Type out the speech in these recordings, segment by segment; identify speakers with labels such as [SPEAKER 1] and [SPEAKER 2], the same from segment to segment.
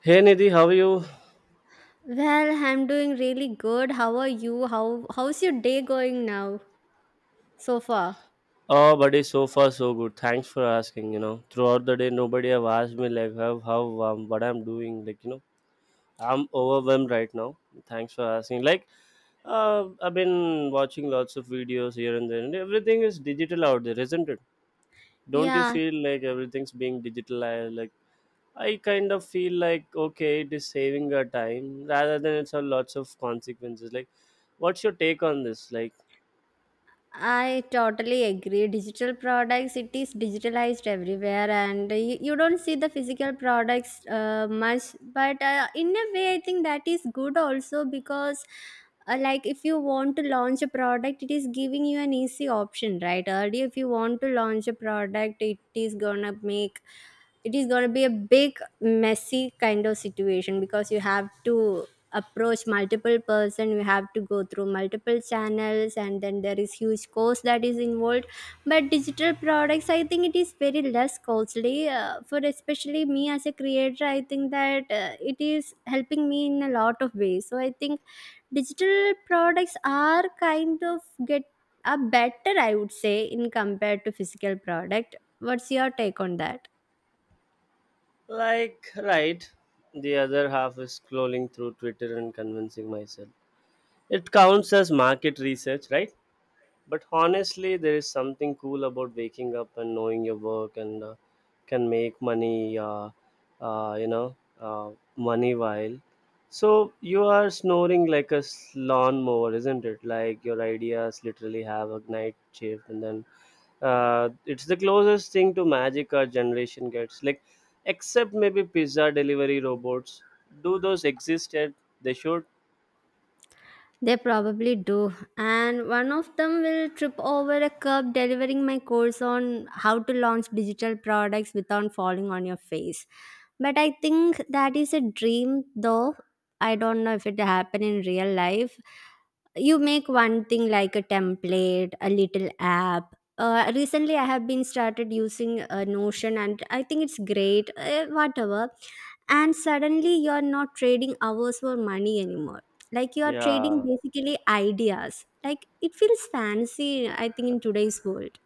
[SPEAKER 1] Hey Nidhi, how are you?
[SPEAKER 2] Well, I'm doing really good. How are you? How's your day going now so far?
[SPEAKER 1] Oh, buddy, so far so good. Thanks for asking. You know, throughout the day, nobody have asked me like how, what I'm doing. Like I'm overwhelmed right now. Thanks for asking. Like, I've been watching lots of videos here and there, and everything is digital out there, isn't it? Don't you
[SPEAKER 2] Yeah,
[SPEAKER 1] feel like everything's being digitalized? Like, I kind of feel like okay, it is saving our time rather than it's a lots of consequences. Like, what's your take on this? Like
[SPEAKER 2] I totally agree. Digital products, it is digitalized everywhere, and you don't see the physical products much. But in a way, I think that is good also because, like, if you want to launch a product, it is giving you an easy option, right? Earlier, if you want to launch a product, it is going to be a big messy kind of situation because you have to approach multiple person. We have to go through multiple channels, and then there is huge cost that is involved, but digital products, I think it is very less costly, for especially me as a creator. I think that it is helping me in a lot of ways, so I think digital products are kind of get are better, I would say, in compared to physical product. What's your take on that?
[SPEAKER 1] Like, right, the other half is scrolling through Twitter and convincing myself. It counts as market research, right? But honestly, there is something cool about waking up and knowing your work and can make money, uh, you know, uh, money while. So you are snoring like a lawnmower, isn't it? Like your ideas literally have a night shift, and then it's the closest thing to magic our generation gets, like except maybe pizza delivery robots. Do those exist yet? They should.
[SPEAKER 2] They probably do. And one of them will trip over a curb delivering my course on how to launch digital products without falling on your face. But I think that is a dream though. I don't know if it happen in real life. You make one thing like a template, a little app. Recently I have been started using Notion, and I think it's great. Whatever. And suddenly you're not trading hours for money anymore, like you are trading
[SPEAKER 1] Yeah.
[SPEAKER 2] basically ideas. Like it feels fancy, I think, in today's world.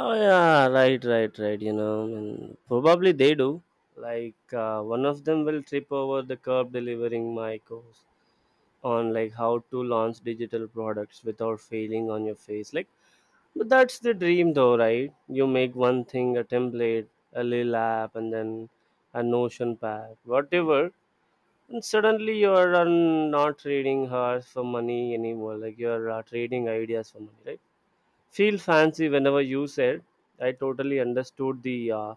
[SPEAKER 1] Oh yeah, right, right, right, and probably they do. Like, one of them will trip over the curb delivering my course on like how to launch digital products without failing on your face, like. But that's the dream, though, right? You make one thing a template, a little app, and then a Notion pad, whatever. And suddenly you're not trading hours for money anymore. Like you're trading ideas for money, right? Feel fancy whenever you said. I totally understood the,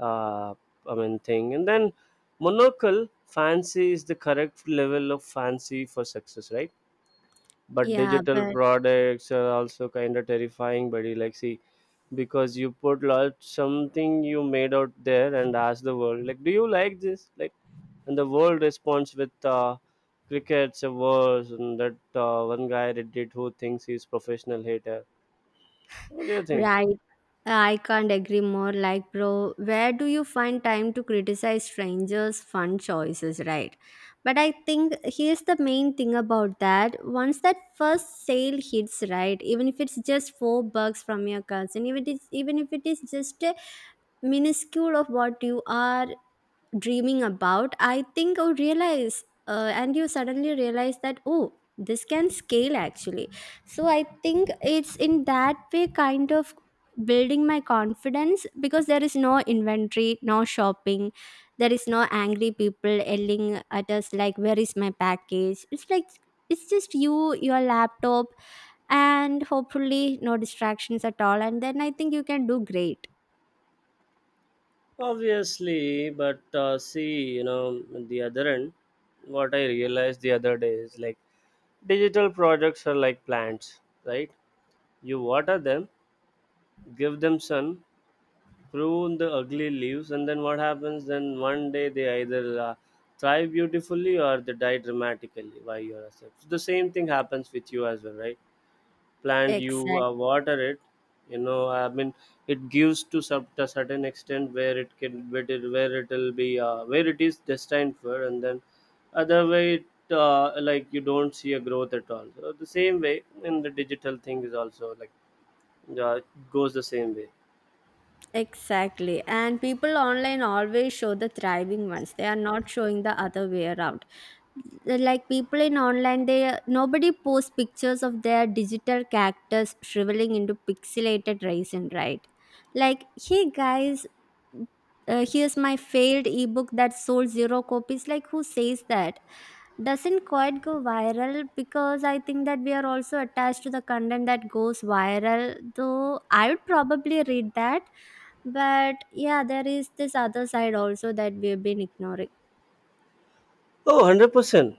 [SPEAKER 1] uh, I mean, thing. And then monocle fancy is the correct level of fancy for success, right? But
[SPEAKER 2] Yeah,
[SPEAKER 1] digital
[SPEAKER 2] but
[SPEAKER 1] products are also kind of terrifying, buddy. Like, see, because you put lot something you made out there and ask the world like, do you like this? Like, and the world responds with crickets a verse, and that one guy reddit who thinks he's professional hater. What do you think?
[SPEAKER 2] right, I can't agree more. Like, bro, where do you find time to criticize strangers fun choices, right? But I think here's the main thing about that. Once that first sale hits, right, even if it's just $4 from your cousin, even if it is just a minuscule of what you are dreaming about, I think I realize, and you suddenly realize that, oh, this can scale actually. So I think it's in that way kind of building my confidence, because there is no inventory, no shopping, there is no angry people yelling at us like, where is my package? It's like it's just you, your laptop, and hopefully no distractions at all, and then I think you can do great.
[SPEAKER 1] Obviously, but see, the other end, what I realized the other day is like digital products are like plants, right? You water them, give them sun, prune the ugly leaves, and then what happens? Then one day they either thrive beautifully or they die dramatically by your accept. The same thing happens with you as well, right? Plant you
[SPEAKER 2] Exactly.
[SPEAKER 1] water it, I mean, it gives to some to a certain extent where it can, where it'll be, where it is destined for, and then other way like you don't see a growth at all. So the same way in the digital thing is also like, uh, goes the same way.
[SPEAKER 2] Exactly. And people online always show the thriving ones. They are not showing the other way around. Like people in online, they nobody posts pictures of their digital characters shriveling into pixelated resin, right? Like, hey guys, here's my failed ebook that sold zero copies. Like, who says that? Doesn't quite go viral because I think that we are also attached to the content that goes viral, though I would probably read that. But yeah, there is this other side also that we have been ignoring.
[SPEAKER 1] Oh, 100%.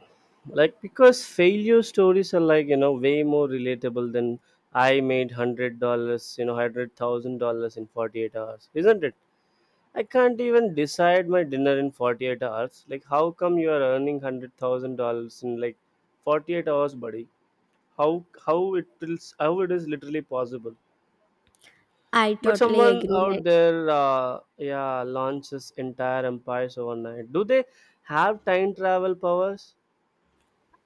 [SPEAKER 1] Like, because failure stories are like, way more relatable than I made $100, $100,000 in 48 hours, isn't it? I can't even decide my dinner in 48 hours. Like, how come you are earning $100,000 in like 48 hours, buddy? How it is literally possible.
[SPEAKER 2] I
[SPEAKER 1] But
[SPEAKER 2] totally
[SPEAKER 1] someone
[SPEAKER 2] agree.
[SPEAKER 1] out
[SPEAKER 2] Like,
[SPEAKER 1] there, yeah, launches entire empires overnight. Do they have time travel powers?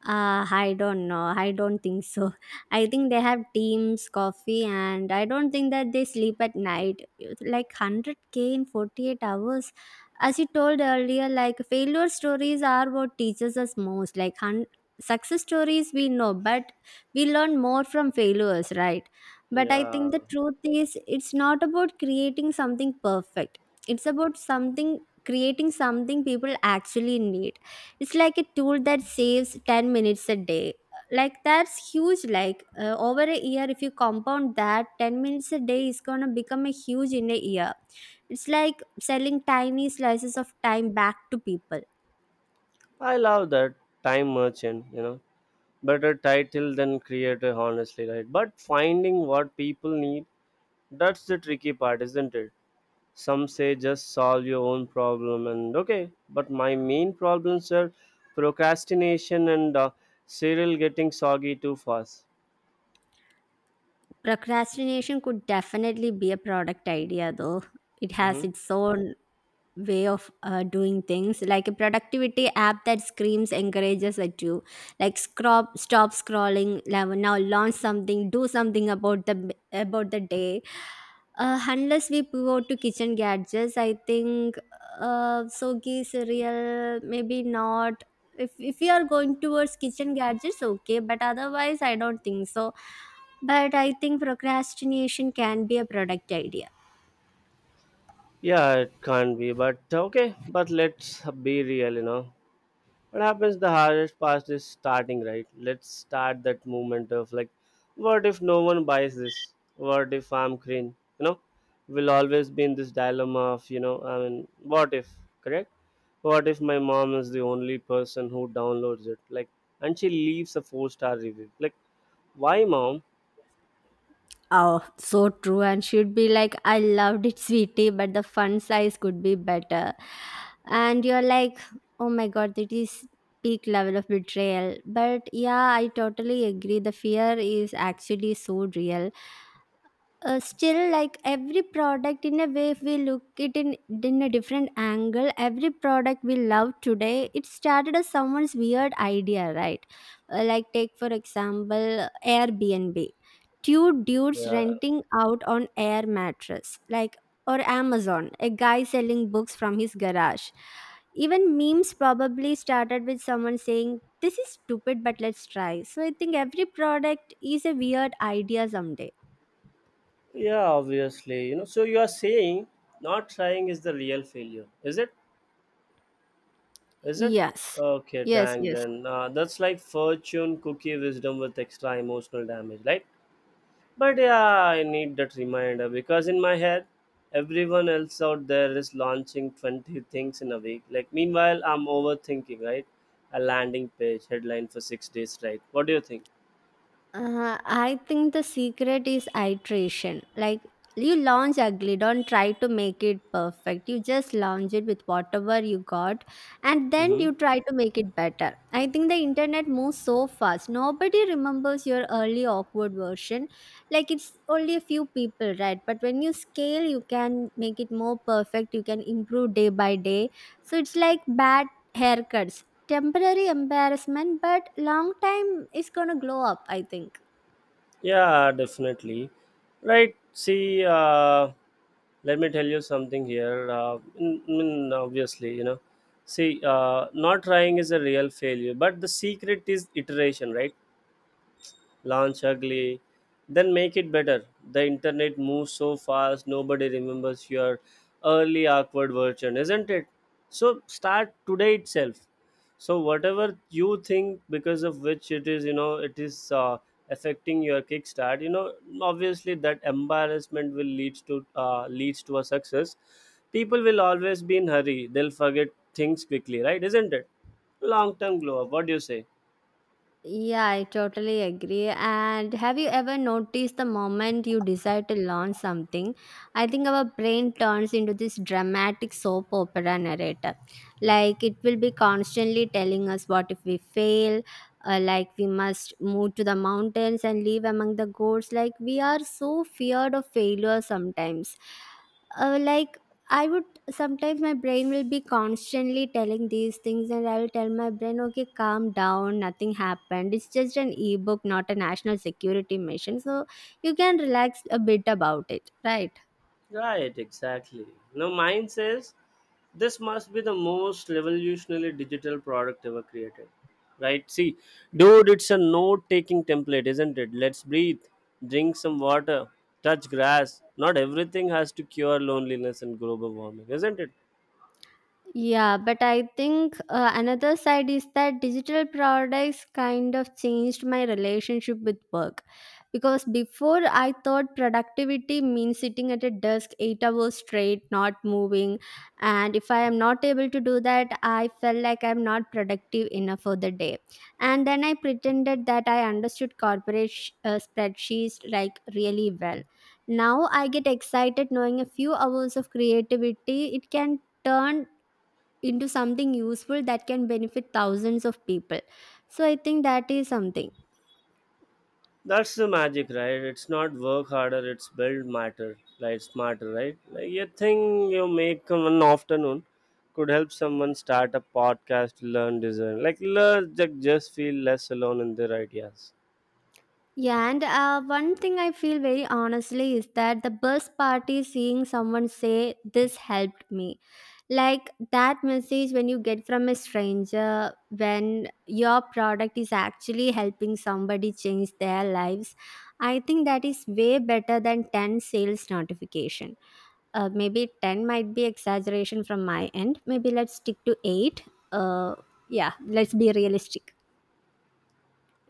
[SPEAKER 2] I don't know. I don't think so. I think they have teams, coffee, and I don't think that they sleep at night. It's like 100k in 48 hours. As you told earlier, like failure stories are what teaches us most. Success stories, we know, but we learn more from failures, right? But I
[SPEAKER 1] Yeah.
[SPEAKER 2] think the truth is, it's not about creating something perfect, it's about something creating something people actually need. It's like a tool that saves 10 minutes a day. Like, that's huge. Like, over a year, if you compound that, 10 minutes a day is going to become a huge in a year. It's like selling tiny slices of time back to people.
[SPEAKER 1] I love that. Time merchant, better title than creator, honestly, right? But finding what people need, that's the tricky part, isn't it? Some say just solve your own problem, and okay, but my main problems are procrastination and cereal getting soggy too fast.
[SPEAKER 2] Procrastination could definitely be a product idea though. It
[SPEAKER 1] Hmm.
[SPEAKER 2] has its own way of doing things, like a productivity app that screams encourages at you, like, scrub, stop scrolling now. Now launch something, do something about the day. Unless we pivot to kitchen gadgets, I think, sogi cereal, maybe not. If we are going towards kitchen gadgets, okay, but otherwise I don't think so. But I think procrastination can be a product idea.
[SPEAKER 1] Yeah, it can't be, but okay, but let's be real. What happens? The hardest part is starting, right? Let's start that movement of like what if no one buys this, what if I'm green, you know we'll always be in this dilemma of I mean what if. Correct. What if my mom is the only person who downloads it, like, and she leaves a four-star review? Like, why mom?
[SPEAKER 2] Oh, so true. And she'd be like, I loved it, sweetie, but the fun size could be better. And you're like, oh my god, that is peak level of betrayal. But yeah, I totally agree. The fear is actually so real, still, like every product, in a way, if we in a different angle, every product we love today, it started as someone's weird idea, right? Like take for example Airbnb, two dudes
[SPEAKER 1] Yeah,
[SPEAKER 2] renting out on air mattress, like, or Amazon, a guy selling books from his garage. Even memes probably started with someone saying, this is stupid, but let's try. So I think every product is a weird idea someday.
[SPEAKER 1] yeah, obviously, so you are saying not trying is the real failure, is it? Is it?
[SPEAKER 2] Yes.
[SPEAKER 1] Okay,
[SPEAKER 2] Yes,
[SPEAKER 1] dang
[SPEAKER 2] yes.
[SPEAKER 1] then. That's like fortune cookie wisdom with extra emotional damage, right? But yeah, I need that reminder because in my head, everyone else out there is launching 20 things in a week. Like, meanwhile, I'm overthinking, right? A landing page headline for 6 days, right? What do you think?
[SPEAKER 2] I think the secret is iteration. Like, you launch ugly, don't try to make it perfect. You just launch it with whatever you got, and then
[SPEAKER 1] Mm-hmm.
[SPEAKER 2] you try to make it better. I think the internet moves so fast. Nobody remembers your early awkward version. Like it's only a few people, right? But when you scale, you can make it more perfect. You can improve day by day. So it's like bad haircuts. Temporary embarrassment, but long time is gonna glow up, I think.
[SPEAKER 1] Yeah, definitely. Right. See, let me tell you something here. Obviously, see, not trying is a real failure, but the secret is iteration, right? Launch ugly, then make it better. The internet moves so fast, nobody remembers your early awkward version, isn't it? So start today itself. So whatever you think, because of which it is, it is affecting your kickstart. You know, obviously that embarrassment will leads to a success. People will always be in hurry. They'll forget things quickly, right? Isn't it? Long term glow up. What do you say?
[SPEAKER 2] Yeah, I totally agree. And have you ever noticed the moment you decide to launch something? I think our brain turns into this dramatic soap opera narrator. Like it will be constantly telling us what if we fail, like we must move to the mountains and live among the goats. Like we are so feared of failure sometimes. Like I would, sometimes my brain will be constantly telling these things, and I will tell my brain, okay, calm down, nothing happened. It's just an ebook, not a national security mission. So you can relax a bit about it, right?
[SPEAKER 1] Right, exactly. Now, mine says this must be the most revolutionary digital product ever created. Right? See, dude, it's a note taking template, isn't it? Let's breathe, drink some water, touch grass. Not everything has to cure loneliness and global warming, isn't it?
[SPEAKER 2] Yeah, but I think another side is that digital products kind of changed my relationship with work. Because before I thought productivity means sitting at a desk 8 hours straight, not moving. And if I am not able to do that, I felt like I'm not productive enough for the day. And then I pretended that I understood corporate spreadsheets like really well. Now I get excited knowing a few hours of creativity, it can turn into something useful that can benefit thousands of people. So I think that is something.
[SPEAKER 1] That's the magic, right? It's not work harder, it's build matter, like smarter, right? Like you think you make one afternoon could help someone start a podcast, learn design, like learn like just feel less alone in their ideas.
[SPEAKER 2] Yeah, and one thing I feel very honestly is that the best part is seeing someone say, this helped me. Like that message when you get from a stranger, when your product is actually helping somebody change their lives, I think that is way better than 10 sales notifications. Maybe 10 might be exaggeration from my end. Maybe let's stick to 8. Uh, yeah, let's be realistic.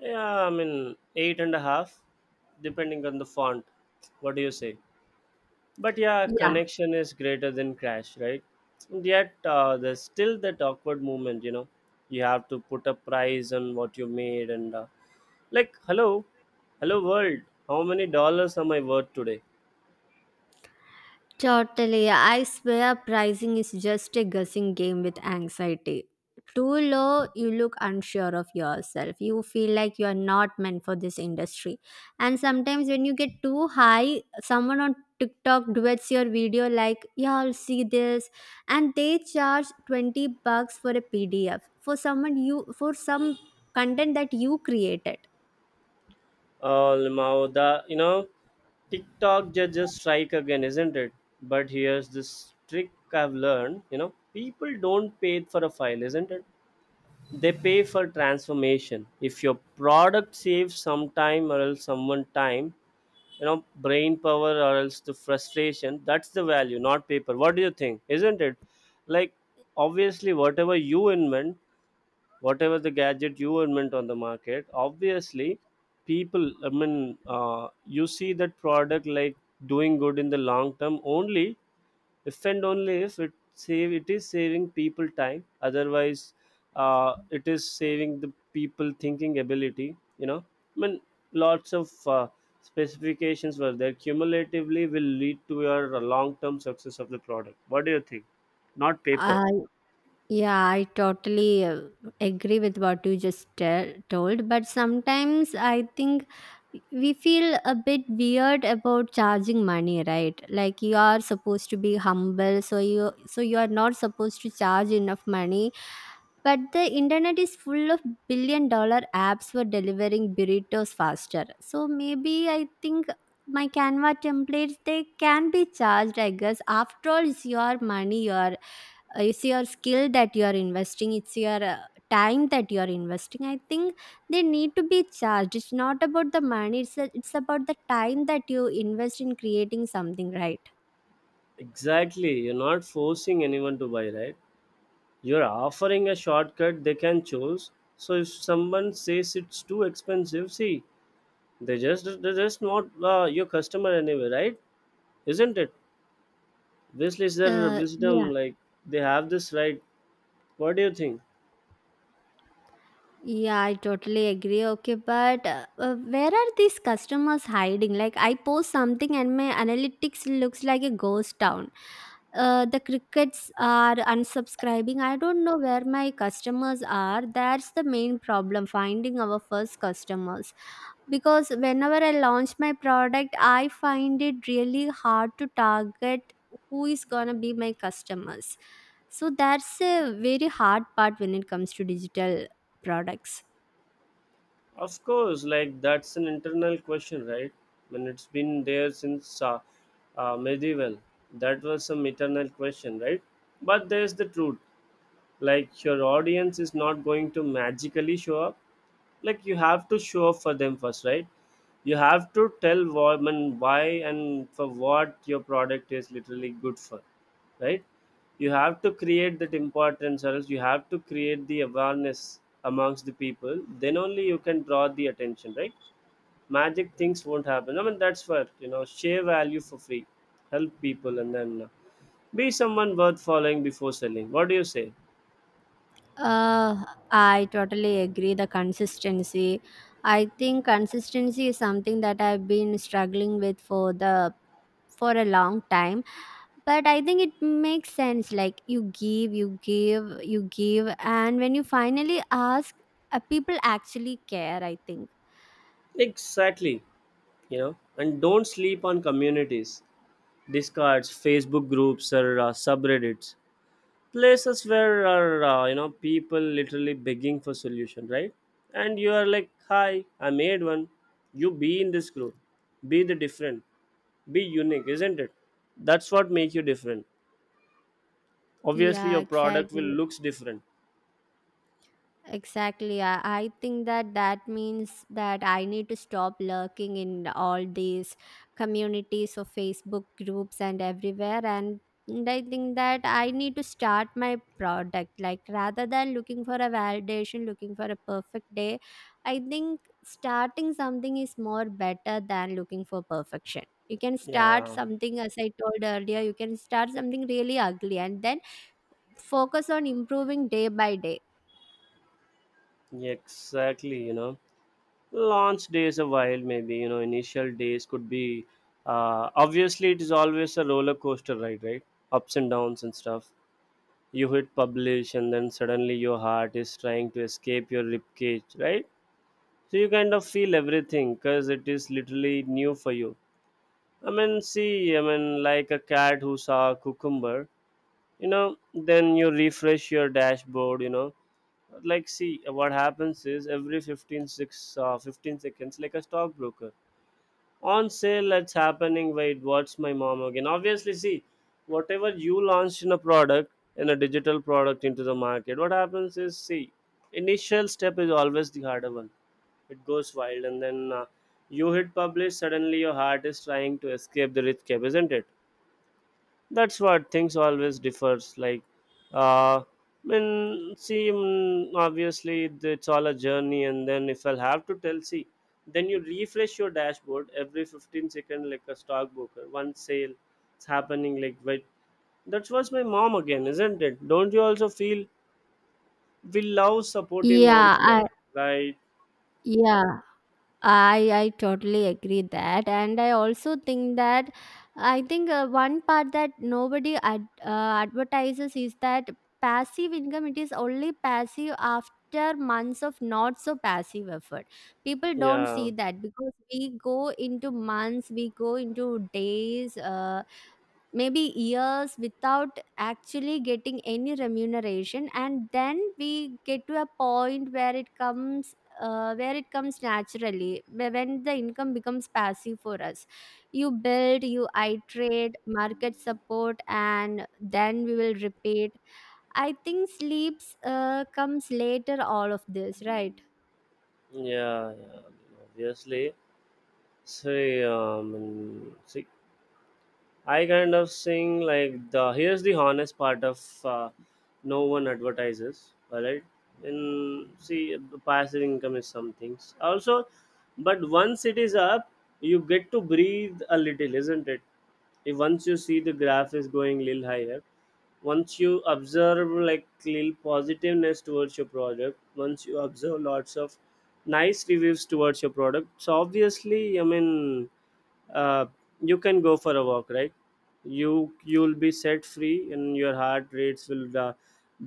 [SPEAKER 1] Yeah, I mean eight and a half, depending on the font. What do you say? But yeah,
[SPEAKER 2] Yeah.
[SPEAKER 1] connection is greater than crash, right? And yet there's still that awkward moment, you know. You have to put a price on what you made, and like, hello, hello world. How many dollars am I worth today?
[SPEAKER 2] Totally. I swear pricing is just a guessing game with anxiety. Too low, you look unsure of yourself. You feel like you are not meant for this industry. And sometimes when you get too high, someone on TikTok duets your video like, y'all see this. And they charge $20 for a PDF for some content that you created.
[SPEAKER 1] Oh, now the TikTok judges strike again, isn't it? But here's this trick I've learned. You know, people don't pay for a file, isn't it? They pay for transformation. If your product saves some time or else someone time, brain power or else the frustration, that's the value, not paper. What do you think? Isn't it? Like obviously whatever you invent, whatever the gadget you invent on the market, obviously people, I mean, you see that product like doing good in the long term only if and only if it save it is saving people time. Otherwise, it is saving the people thinking ability, you know I mean lots of specifications were there cumulatively will lead to your long term success of the product. What do you think? Not paper.
[SPEAKER 2] Yeah, I totally agree with what you told. But sometimes I think we feel a bit weird about charging money, right? Like you are supposed to be humble, so you are not supposed to charge enough money. But the internet is full of billion-dollar apps for delivering burritos faster. So maybe I think my Canva templates, they can be charged. I guess after all, it's your money. Your It's your skill that you are investing. It's your time that you are investing. I think they need to be charged. It's not about the money, it's about the time that you invest in creating something, right?
[SPEAKER 1] Exactly, you're not forcing anyone to buy, right? You're offering a shortcut they can choose. So if someone says it's too expensive, see, they just not your customer anyway, right? Isn't it? This is their
[SPEAKER 2] Uh,
[SPEAKER 1] wisdom.
[SPEAKER 2] yeah.
[SPEAKER 1] Like they have this right. What do you think?
[SPEAKER 2] Yeah, I totally agree. Okay, but where are these customers hiding? Like, I post something and my analytics looks like a ghost town. The crickets are unsubscribing. I don't know where my customers are. That's the main problem, finding our first customers. Because whenever I launch my product, I find it really hard to target who is gonna be my customers. So that's a very hard part when it comes to digital products.
[SPEAKER 1] Of course, like that's an internal question, right? When it's been there since medieval, that was some eternal question, right? But there's the truth. Like your audience is not going to magically show up, like you have to show up for them first, right? You have to tell women why and for what your product is literally good for, right? You have to create that importance or else you have to create the awareness amongst the people. Then only you can draw the attention, right? Magic things won't happen. I mean, that's what, you know, share value for free, help people, and then be someone worth following before selling. What do you say?
[SPEAKER 2] Uh, I totally agree. The consistency. I think consistency is something that I've been struggling with for a long time. But I think it makes sense. Like, you give, you give, you give, and when you finally ask, people actually care, I think.
[SPEAKER 1] Exactly, you know, and don't sleep on communities, discards facebook groups or subreddits. Places where are people literally begging for solution, right? And you are like, hi, I made one. You be in this group, be the different, be unique, isn't it? That's what make you different. Obviously
[SPEAKER 2] Yeah,
[SPEAKER 1] your product will
[SPEAKER 2] exactly.
[SPEAKER 1] looks different.
[SPEAKER 2] Exactly. I think that that means that I need to stop lurking in all these communities or Facebook groups and everywhere. And I think that I need to start my product. Like rather than looking for a validation, looking for a perfect day, I think starting something is more better than looking for perfection. You can start
[SPEAKER 1] Yeah,
[SPEAKER 2] something, as I told earlier, you can start something really ugly and then focus on improving day by day.
[SPEAKER 1] exactly, you know, launch days a while, maybe, initial days could be, obviously it is always a roller coaster ride, right? Ups and downs and stuff. You hit publish and then suddenly your heart is trying to escape your ribcage, right? So you kind of feel everything because it is literally new for you. I mean, see, I mean, like a cat who saw a cucumber. You know, then you refresh your dashboard, you know, like see what happens is every 15 seconds like a stockbroker on sale. It's happening. Wait, what's my mom again? Obviously, see, whatever you launched in a product in a digital product into the market, what happens is, see, initial step is always the harder one. It goes wild, and then you hit publish. Suddenly your heart is trying to escape the rich cap, isn't it? That's what things always differs. Like, uh when, see, obviously, it's all a journey. And then if I'll have to tell, see, then you refresh your dashboard Every 15 second, like a stockbroker one sale, it's happening, like. But that was my mom again, isn't it? Don't you also feel we love supporting moms
[SPEAKER 2] Yeah.
[SPEAKER 1] here? Right.
[SPEAKER 2] Yeah, I totally agree that, and I also think that I think one part that nobody advertises is that passive income. It is only passive after months of not so passive effort. People don't see
[SPEAKER 1] Yeah,
[SPEAKER 2] that because we go into months, we go into days, maybe years without actually getting any remuneration, and then we get to a point where it comes, where it comes naturally, when the income becomes passive for us. You build, you iterate, market, support, and then we will repeat. I think sleeps comes later all of this, right?
[SPEAKER 1] yeah. Obviously. See. I kind of sing like, the here's the honest part of, uh, no one advertises, alright. And see, the passive income is some things also, but once it is up, you get to breathe a little, isn't it? If once you see the graph is going little higher, once you observe like little positiveness towards your product, once you observe lots of nice reviews towards your product, so obviously, I mean, uh, you can go for a walk, right? you you'll be set free and your heart rates will,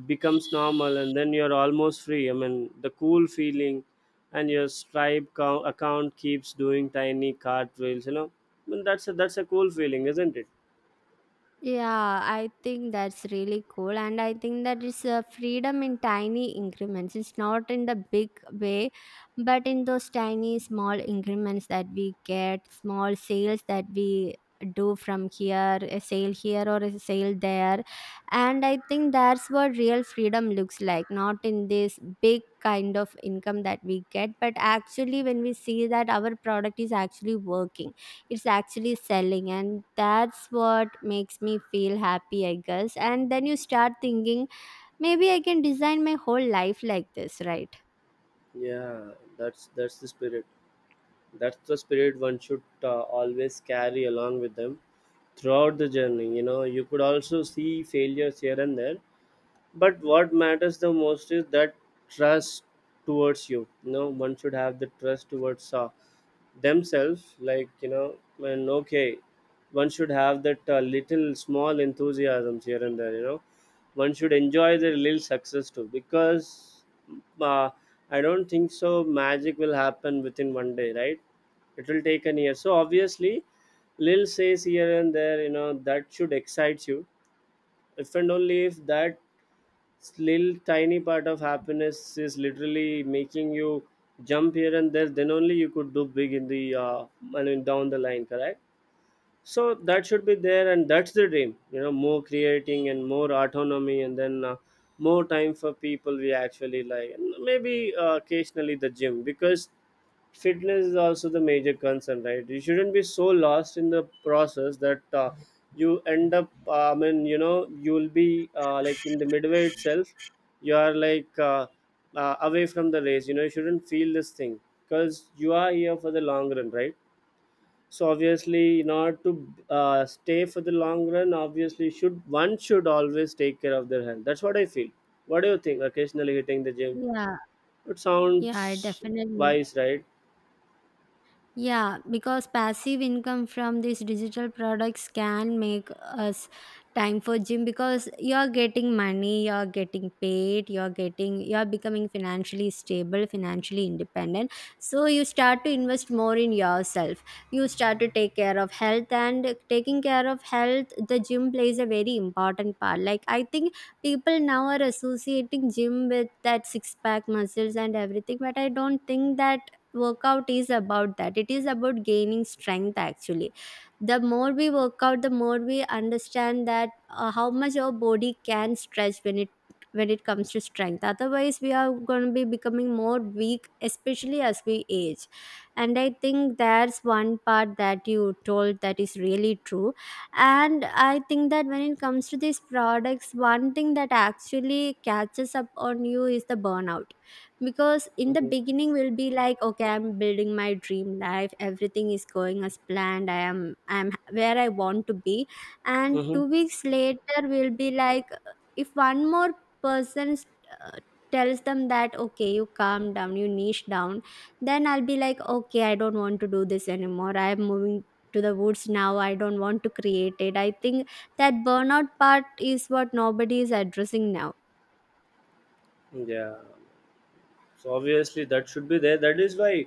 [SPEAKER 1] becomes normal, and then you're almost free, I mean, the cool feeling. And your account keeps doing tiny cartwheels, you know. I mean, that's a cool feeling, isn't it?
[SPEAKER 2] Yeah, I think that's really cool. And I think that it's a freedom in tiny increments. It's not in the big way, but in those tiny, small increments that we get, small sales that we do from here, a sale here or a sale there. And I think that's what real freedom looks like, not in this big kind of income that we get, but actually when we see that our product is actually working, it's actually selling. And that's what makes me feel happy, I guess. And then you start thinking, maybe I can design my whole life like this, right?
[SPEAKER 1] Yeah, that's the spirit. That's the spirit one should, always carry along with them throughout the journey. You know, you could also see failures here and there. But what matters the most is that trust towards you. You know, one should have the trust towards, themselves. Like, you know, when okay, one should have that, little small enthusiasms here and there. You know, one should enjoy their little success too. Because, uh, I don't think so. Magic will happen within one day, right? It will take an year. So obviously, little says here and there. You know, that should excite you. If and only if that little tiny part of happiness is literally making you jump here and there, then only you could do big in the, I mean, down the line, correct? So that should be there. And that's the dream, you know, more creating and more autonomy, and then, more time for people we actually like, and maybe, occasionally the gym. Because fitness is also the major concern, right? You shouldn't be so lost in the process that, you end up I mean, you know, you'll be, like in the midway itself, you are like, away from the race. You know, you shouldn't feel this thing, because you are here for the long run, right? So obviously, in order to, stay for the long run, obviously should one should always take care of their health. That's what I feel. What do you think? Occasionally hitting the gym,
[SPEAKER 2] Yeah.
[SPEAKER 1] it
[SPEAKER 2] Yeah, I
[SPEAKER 1] sounds
[SPEAKER 2] definitely.
[SPEAKER 1] wise, right?
[SPEAKER 2] Yeah, because passive income from these digital products can make us time for gym, because you're getting money, you're getting paid, you're becoming financially stable, financially independent. So you start to invest more in yourself. You start to take care of health, and taking care of health, the gym plays a very important part. Like I think people now are associating gym with that six pack muscles and everything, but I don't think that workout is about that. It is about gaining strength actually. The more we work out, the more we understand that how much our body can stretch when it, when it comes to strength. Otherwise we are going to be becoming more weak, especially as we age. And I think that's one part that you told that is really true. And I think that when it comes to these products, one thing that actually catches up on you is the burnout. Because in the
[SPEAKER 1] hmm
[SPEAKER 2] beginning we'll be like, okay, I'm building my dream life, everything is going as planned, I'm where I want to be. And
[SPEAKER 1] hmm
[SPEAKER 2] 2 weeks later we'll be like, if one more person uh, tells them that, okay, you calm down, you niche down, then I'll be like, okay, I don't want to do this anymore, I'm moving to the woods now, I don't want to create it. I think that burnout part is what nobody is addressing now.
[SPEAKER 1] Yeah, so obviously that should be there. That is why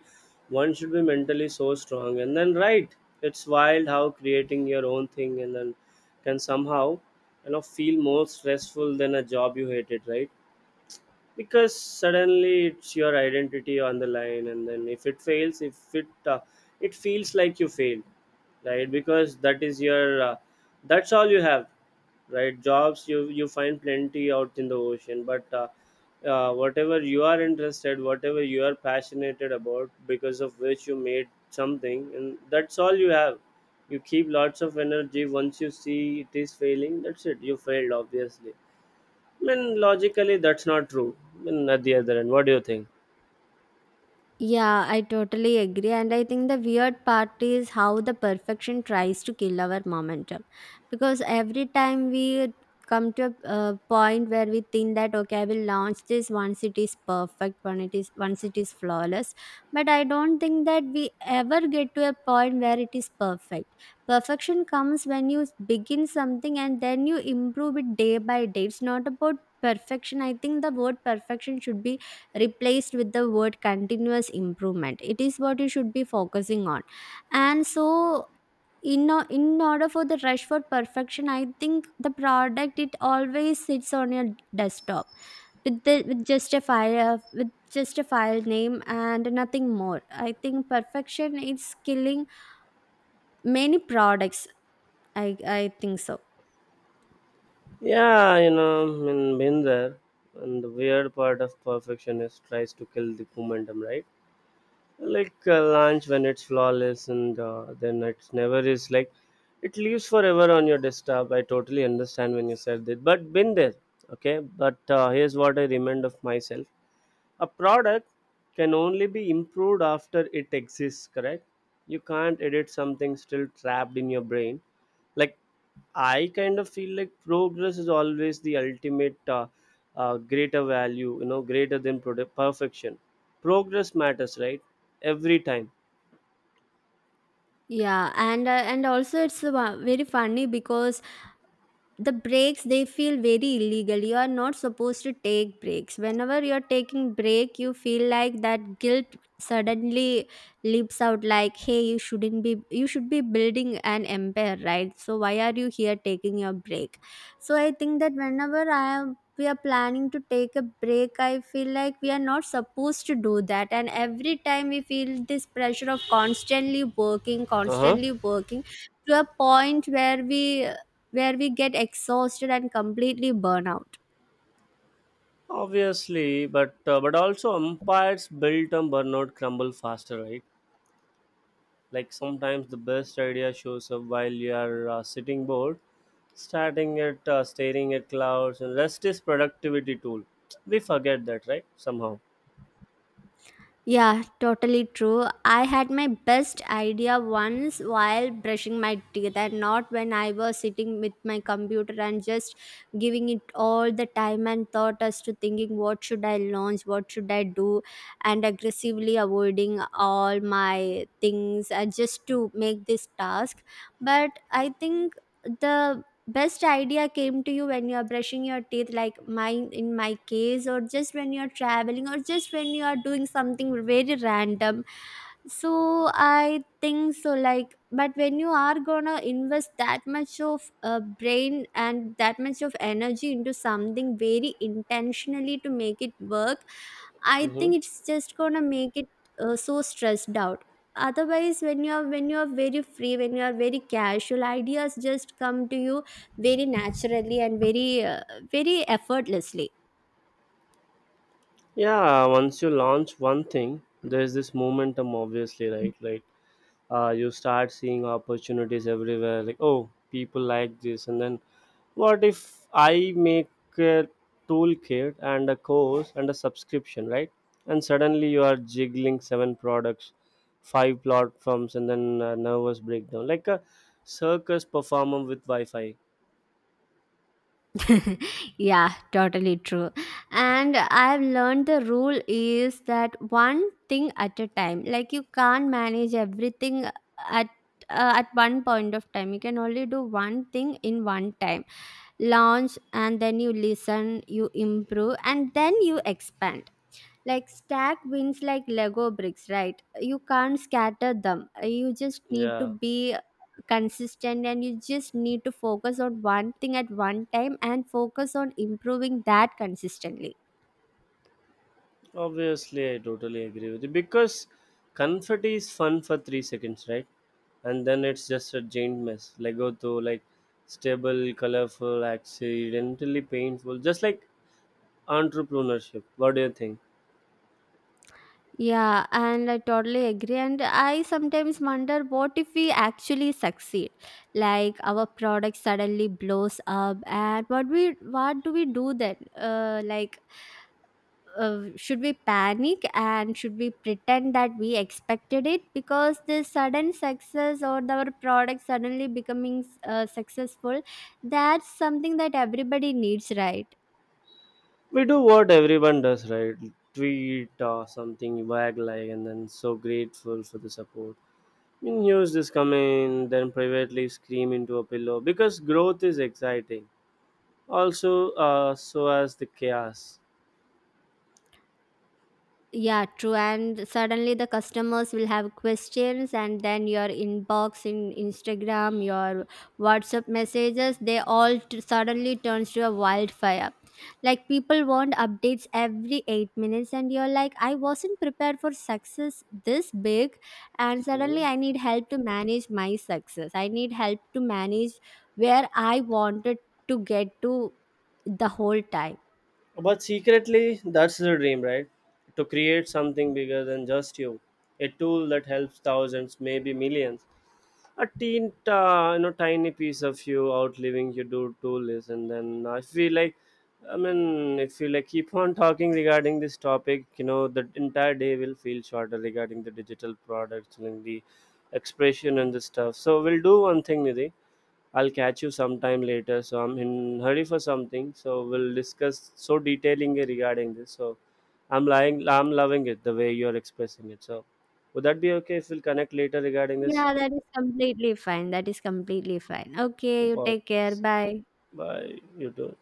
[SPEAKER 1] one should be mentally so strong. And then, right, it's wild how creating your own thing and then can somehow, you know, feel more stressful than a job you hated, right? Because suddenly it's your identity on the line. And then if it fails, if it, it feels like you failed, right? Because that is your, that's all you have, right? Jobs you, find plenty out in the ocean, but whatever you are interested, whatever you are passionate about, because of which you made something, and that's all you have. You keep lots of energy, once you see it is failing, that's it, you failed. Obviously, I mean, logically, that's not true. I mean, at the other end, what do you think?
[SPEAKER 2] Yeah, I totally agree. And I think the weird part is how the perfection tries to kill our momentum. Because every time we come to a point where we think that, okay, I will launch this once it is perfect, when it is, once it is flawless, but I don't think that we ever get to a point where it is perfect. Perfection comes when you begin something and then you improve it day by day. It's not about perfection. I think the word perfection should be replaced with the word continuous improvement. It is what you should be focusing on. And so in order for the rush for perfection, I think the product, it always sits on your desktop with the, with just a file name and nothing more. I think perfection is killing many products, I think so.
[SPEAKER 1] Yeah, you know, I mean, been there. And the weird part of perfectionist tries to kill the momentum, right? Like a lunch when it's flawless and, then it's never, is like it leaves forever on your desktop. I totally understand when you said that, but been there, okay? But here's what I remind of myself: a product can only be improved after it exists, correct? You can't edit something still trapped in your brain. Like, I kind of feel like progress is always the ultimate, greater value, you know, greater than product perfection. Progress matters, right? Every time.
[SPEAKER 2] Yeah. And and also it's very funny because the breaks, they feel very illegal. You are not supposed to take breaks. Whenever you're taking break, you feel like that guilt suddenly leaps out like, hey, you shouldn't be you should be building an empire, right? So why are you here taking your break? So I think that whenever I am we are planning to take a break, I feel like we are not supposed to do that. And every time we feel this pressure of constantly working,
[SPEAKER 1] Uh-huh.
[SPEAKER 2] constantly working, to a point where we get exhausted and completely burn out.
[SPEAKER 1] Obviously, but also umpires built on burnout crumble faster, right? Like sometimes the best idea shows up while you are, sitting bored, starting at, staring at clouds. And rest is productivity tool. We forget that, right? Somehow.
[SPEAKER 2] Yeah, totally true. I had my best idea once while brushing my teeth, and not when I was sitting with my computer and just giving it all the time and thought as to thinking what should I launch, what should I do, and aggressively avoiding all my things just to make this task. But I think the best idea came to you when you are brushing your teeth, like mine in my case, or just when you are traveling, or just when you are doing something very random. So I think so, like, but when you are gonna invest that much of brain and that much of energy into something very intentionally to make it work, I
[SPEAKER 1] Mm-hmm.
[SPEAKER 2] think it's just gonna make it so stressed out. Otherwise when you are very free, when you are very casual, ideas just come to you very naturally and very very effortlessly.
[SPEAKER 1] Yeah, once you launch one thing, there's this momentum, obviously, right? Like, you start seeing opportunities everywhere, like, oh, people like this. And then, what if I make a toolkit and a course and a subscription, right? And suddenly you are jiggling seven products, five platforms, and then a nervous breakdown like a circus performer with wi-fi.
[SPEAKER 2] Yeah, totally true. And I've learned the rule is that one thing at a time. Like you can't manage everything at, at one point of time, you can only do one thing in one time. Launch, and then you listen, you improve, and then you expand. Like stack wins like Lego bricks, right? You can't scatter them. You just need to
[SPEAKER 1] Yeah.
[SPEAKER 2] be consistent, and you just need to focus on one thing at one time and focus on improving that consistently.
[SPEAKER 1] Obviously, I totally agree with you because confetti is fun for 3 seconds, right? And then it's just a giant mess. Lego though, like, stable, colorful, accidentally painful, just like entrepreneurship. What do you think?
[SPEAKER 2] Yeah, and I totally agree. And I sometimes wonder, what if we actually succeed? Like our product suddenly blows up, and what do we do then? Like should we panic and should we pretend that we expected it? Because this sudden success, or our product suddenly becoming successful, that's something that everybody needs, right?
[SPEAKER 1] We do what everyone does, right? Tweet or something, wag like, and then so grateful for the support. I mean, use this comment, then privately scream into a pillow, because growth is exciting. Also, so as the chaos.
[SPEAKER 2] Yeah, true. And suddenly the customers will have questions, and then your inbox, in Instagram, your WhatsApp messages, they suddenly turns to a wildfire. Like people want updates every 8 minutes, and you're like, I wasn't prepared for success this big, and suddenly
[SPEAKER 1] Mhm.
[SPEAKER 2] I need help to manage my success. I need help to manage where I wanted to get to the whole time.
[SPEAKER 1] But secretly, that's the dream, right? To create something bigger than just you, a tool that helps thousands, maybe millions. A teen, you know, tiny piece of you outliving your do tool is, and then I feel like, I mean, if you like keep on talking regarding this topic, you know, the entire day will feel shorter regarding the digital products and the expression and the stuff. So we'll do one thing, Nidhi. I'll catch you sometime later. So I'm in hurry for something. So we'll discuss so detailing regarding this. So I'm lying. I'm loving it the way you're expressing it. So would that be okay if we'll connect later regarding this?
[SPEAKER 2] Yeah, that is completely fine. That is completely fine. Okay, you
[SPEAKER 1] Bye.
[SPEAKER 2] take care. Bye.
[SPEAKER 1] Bye. You too.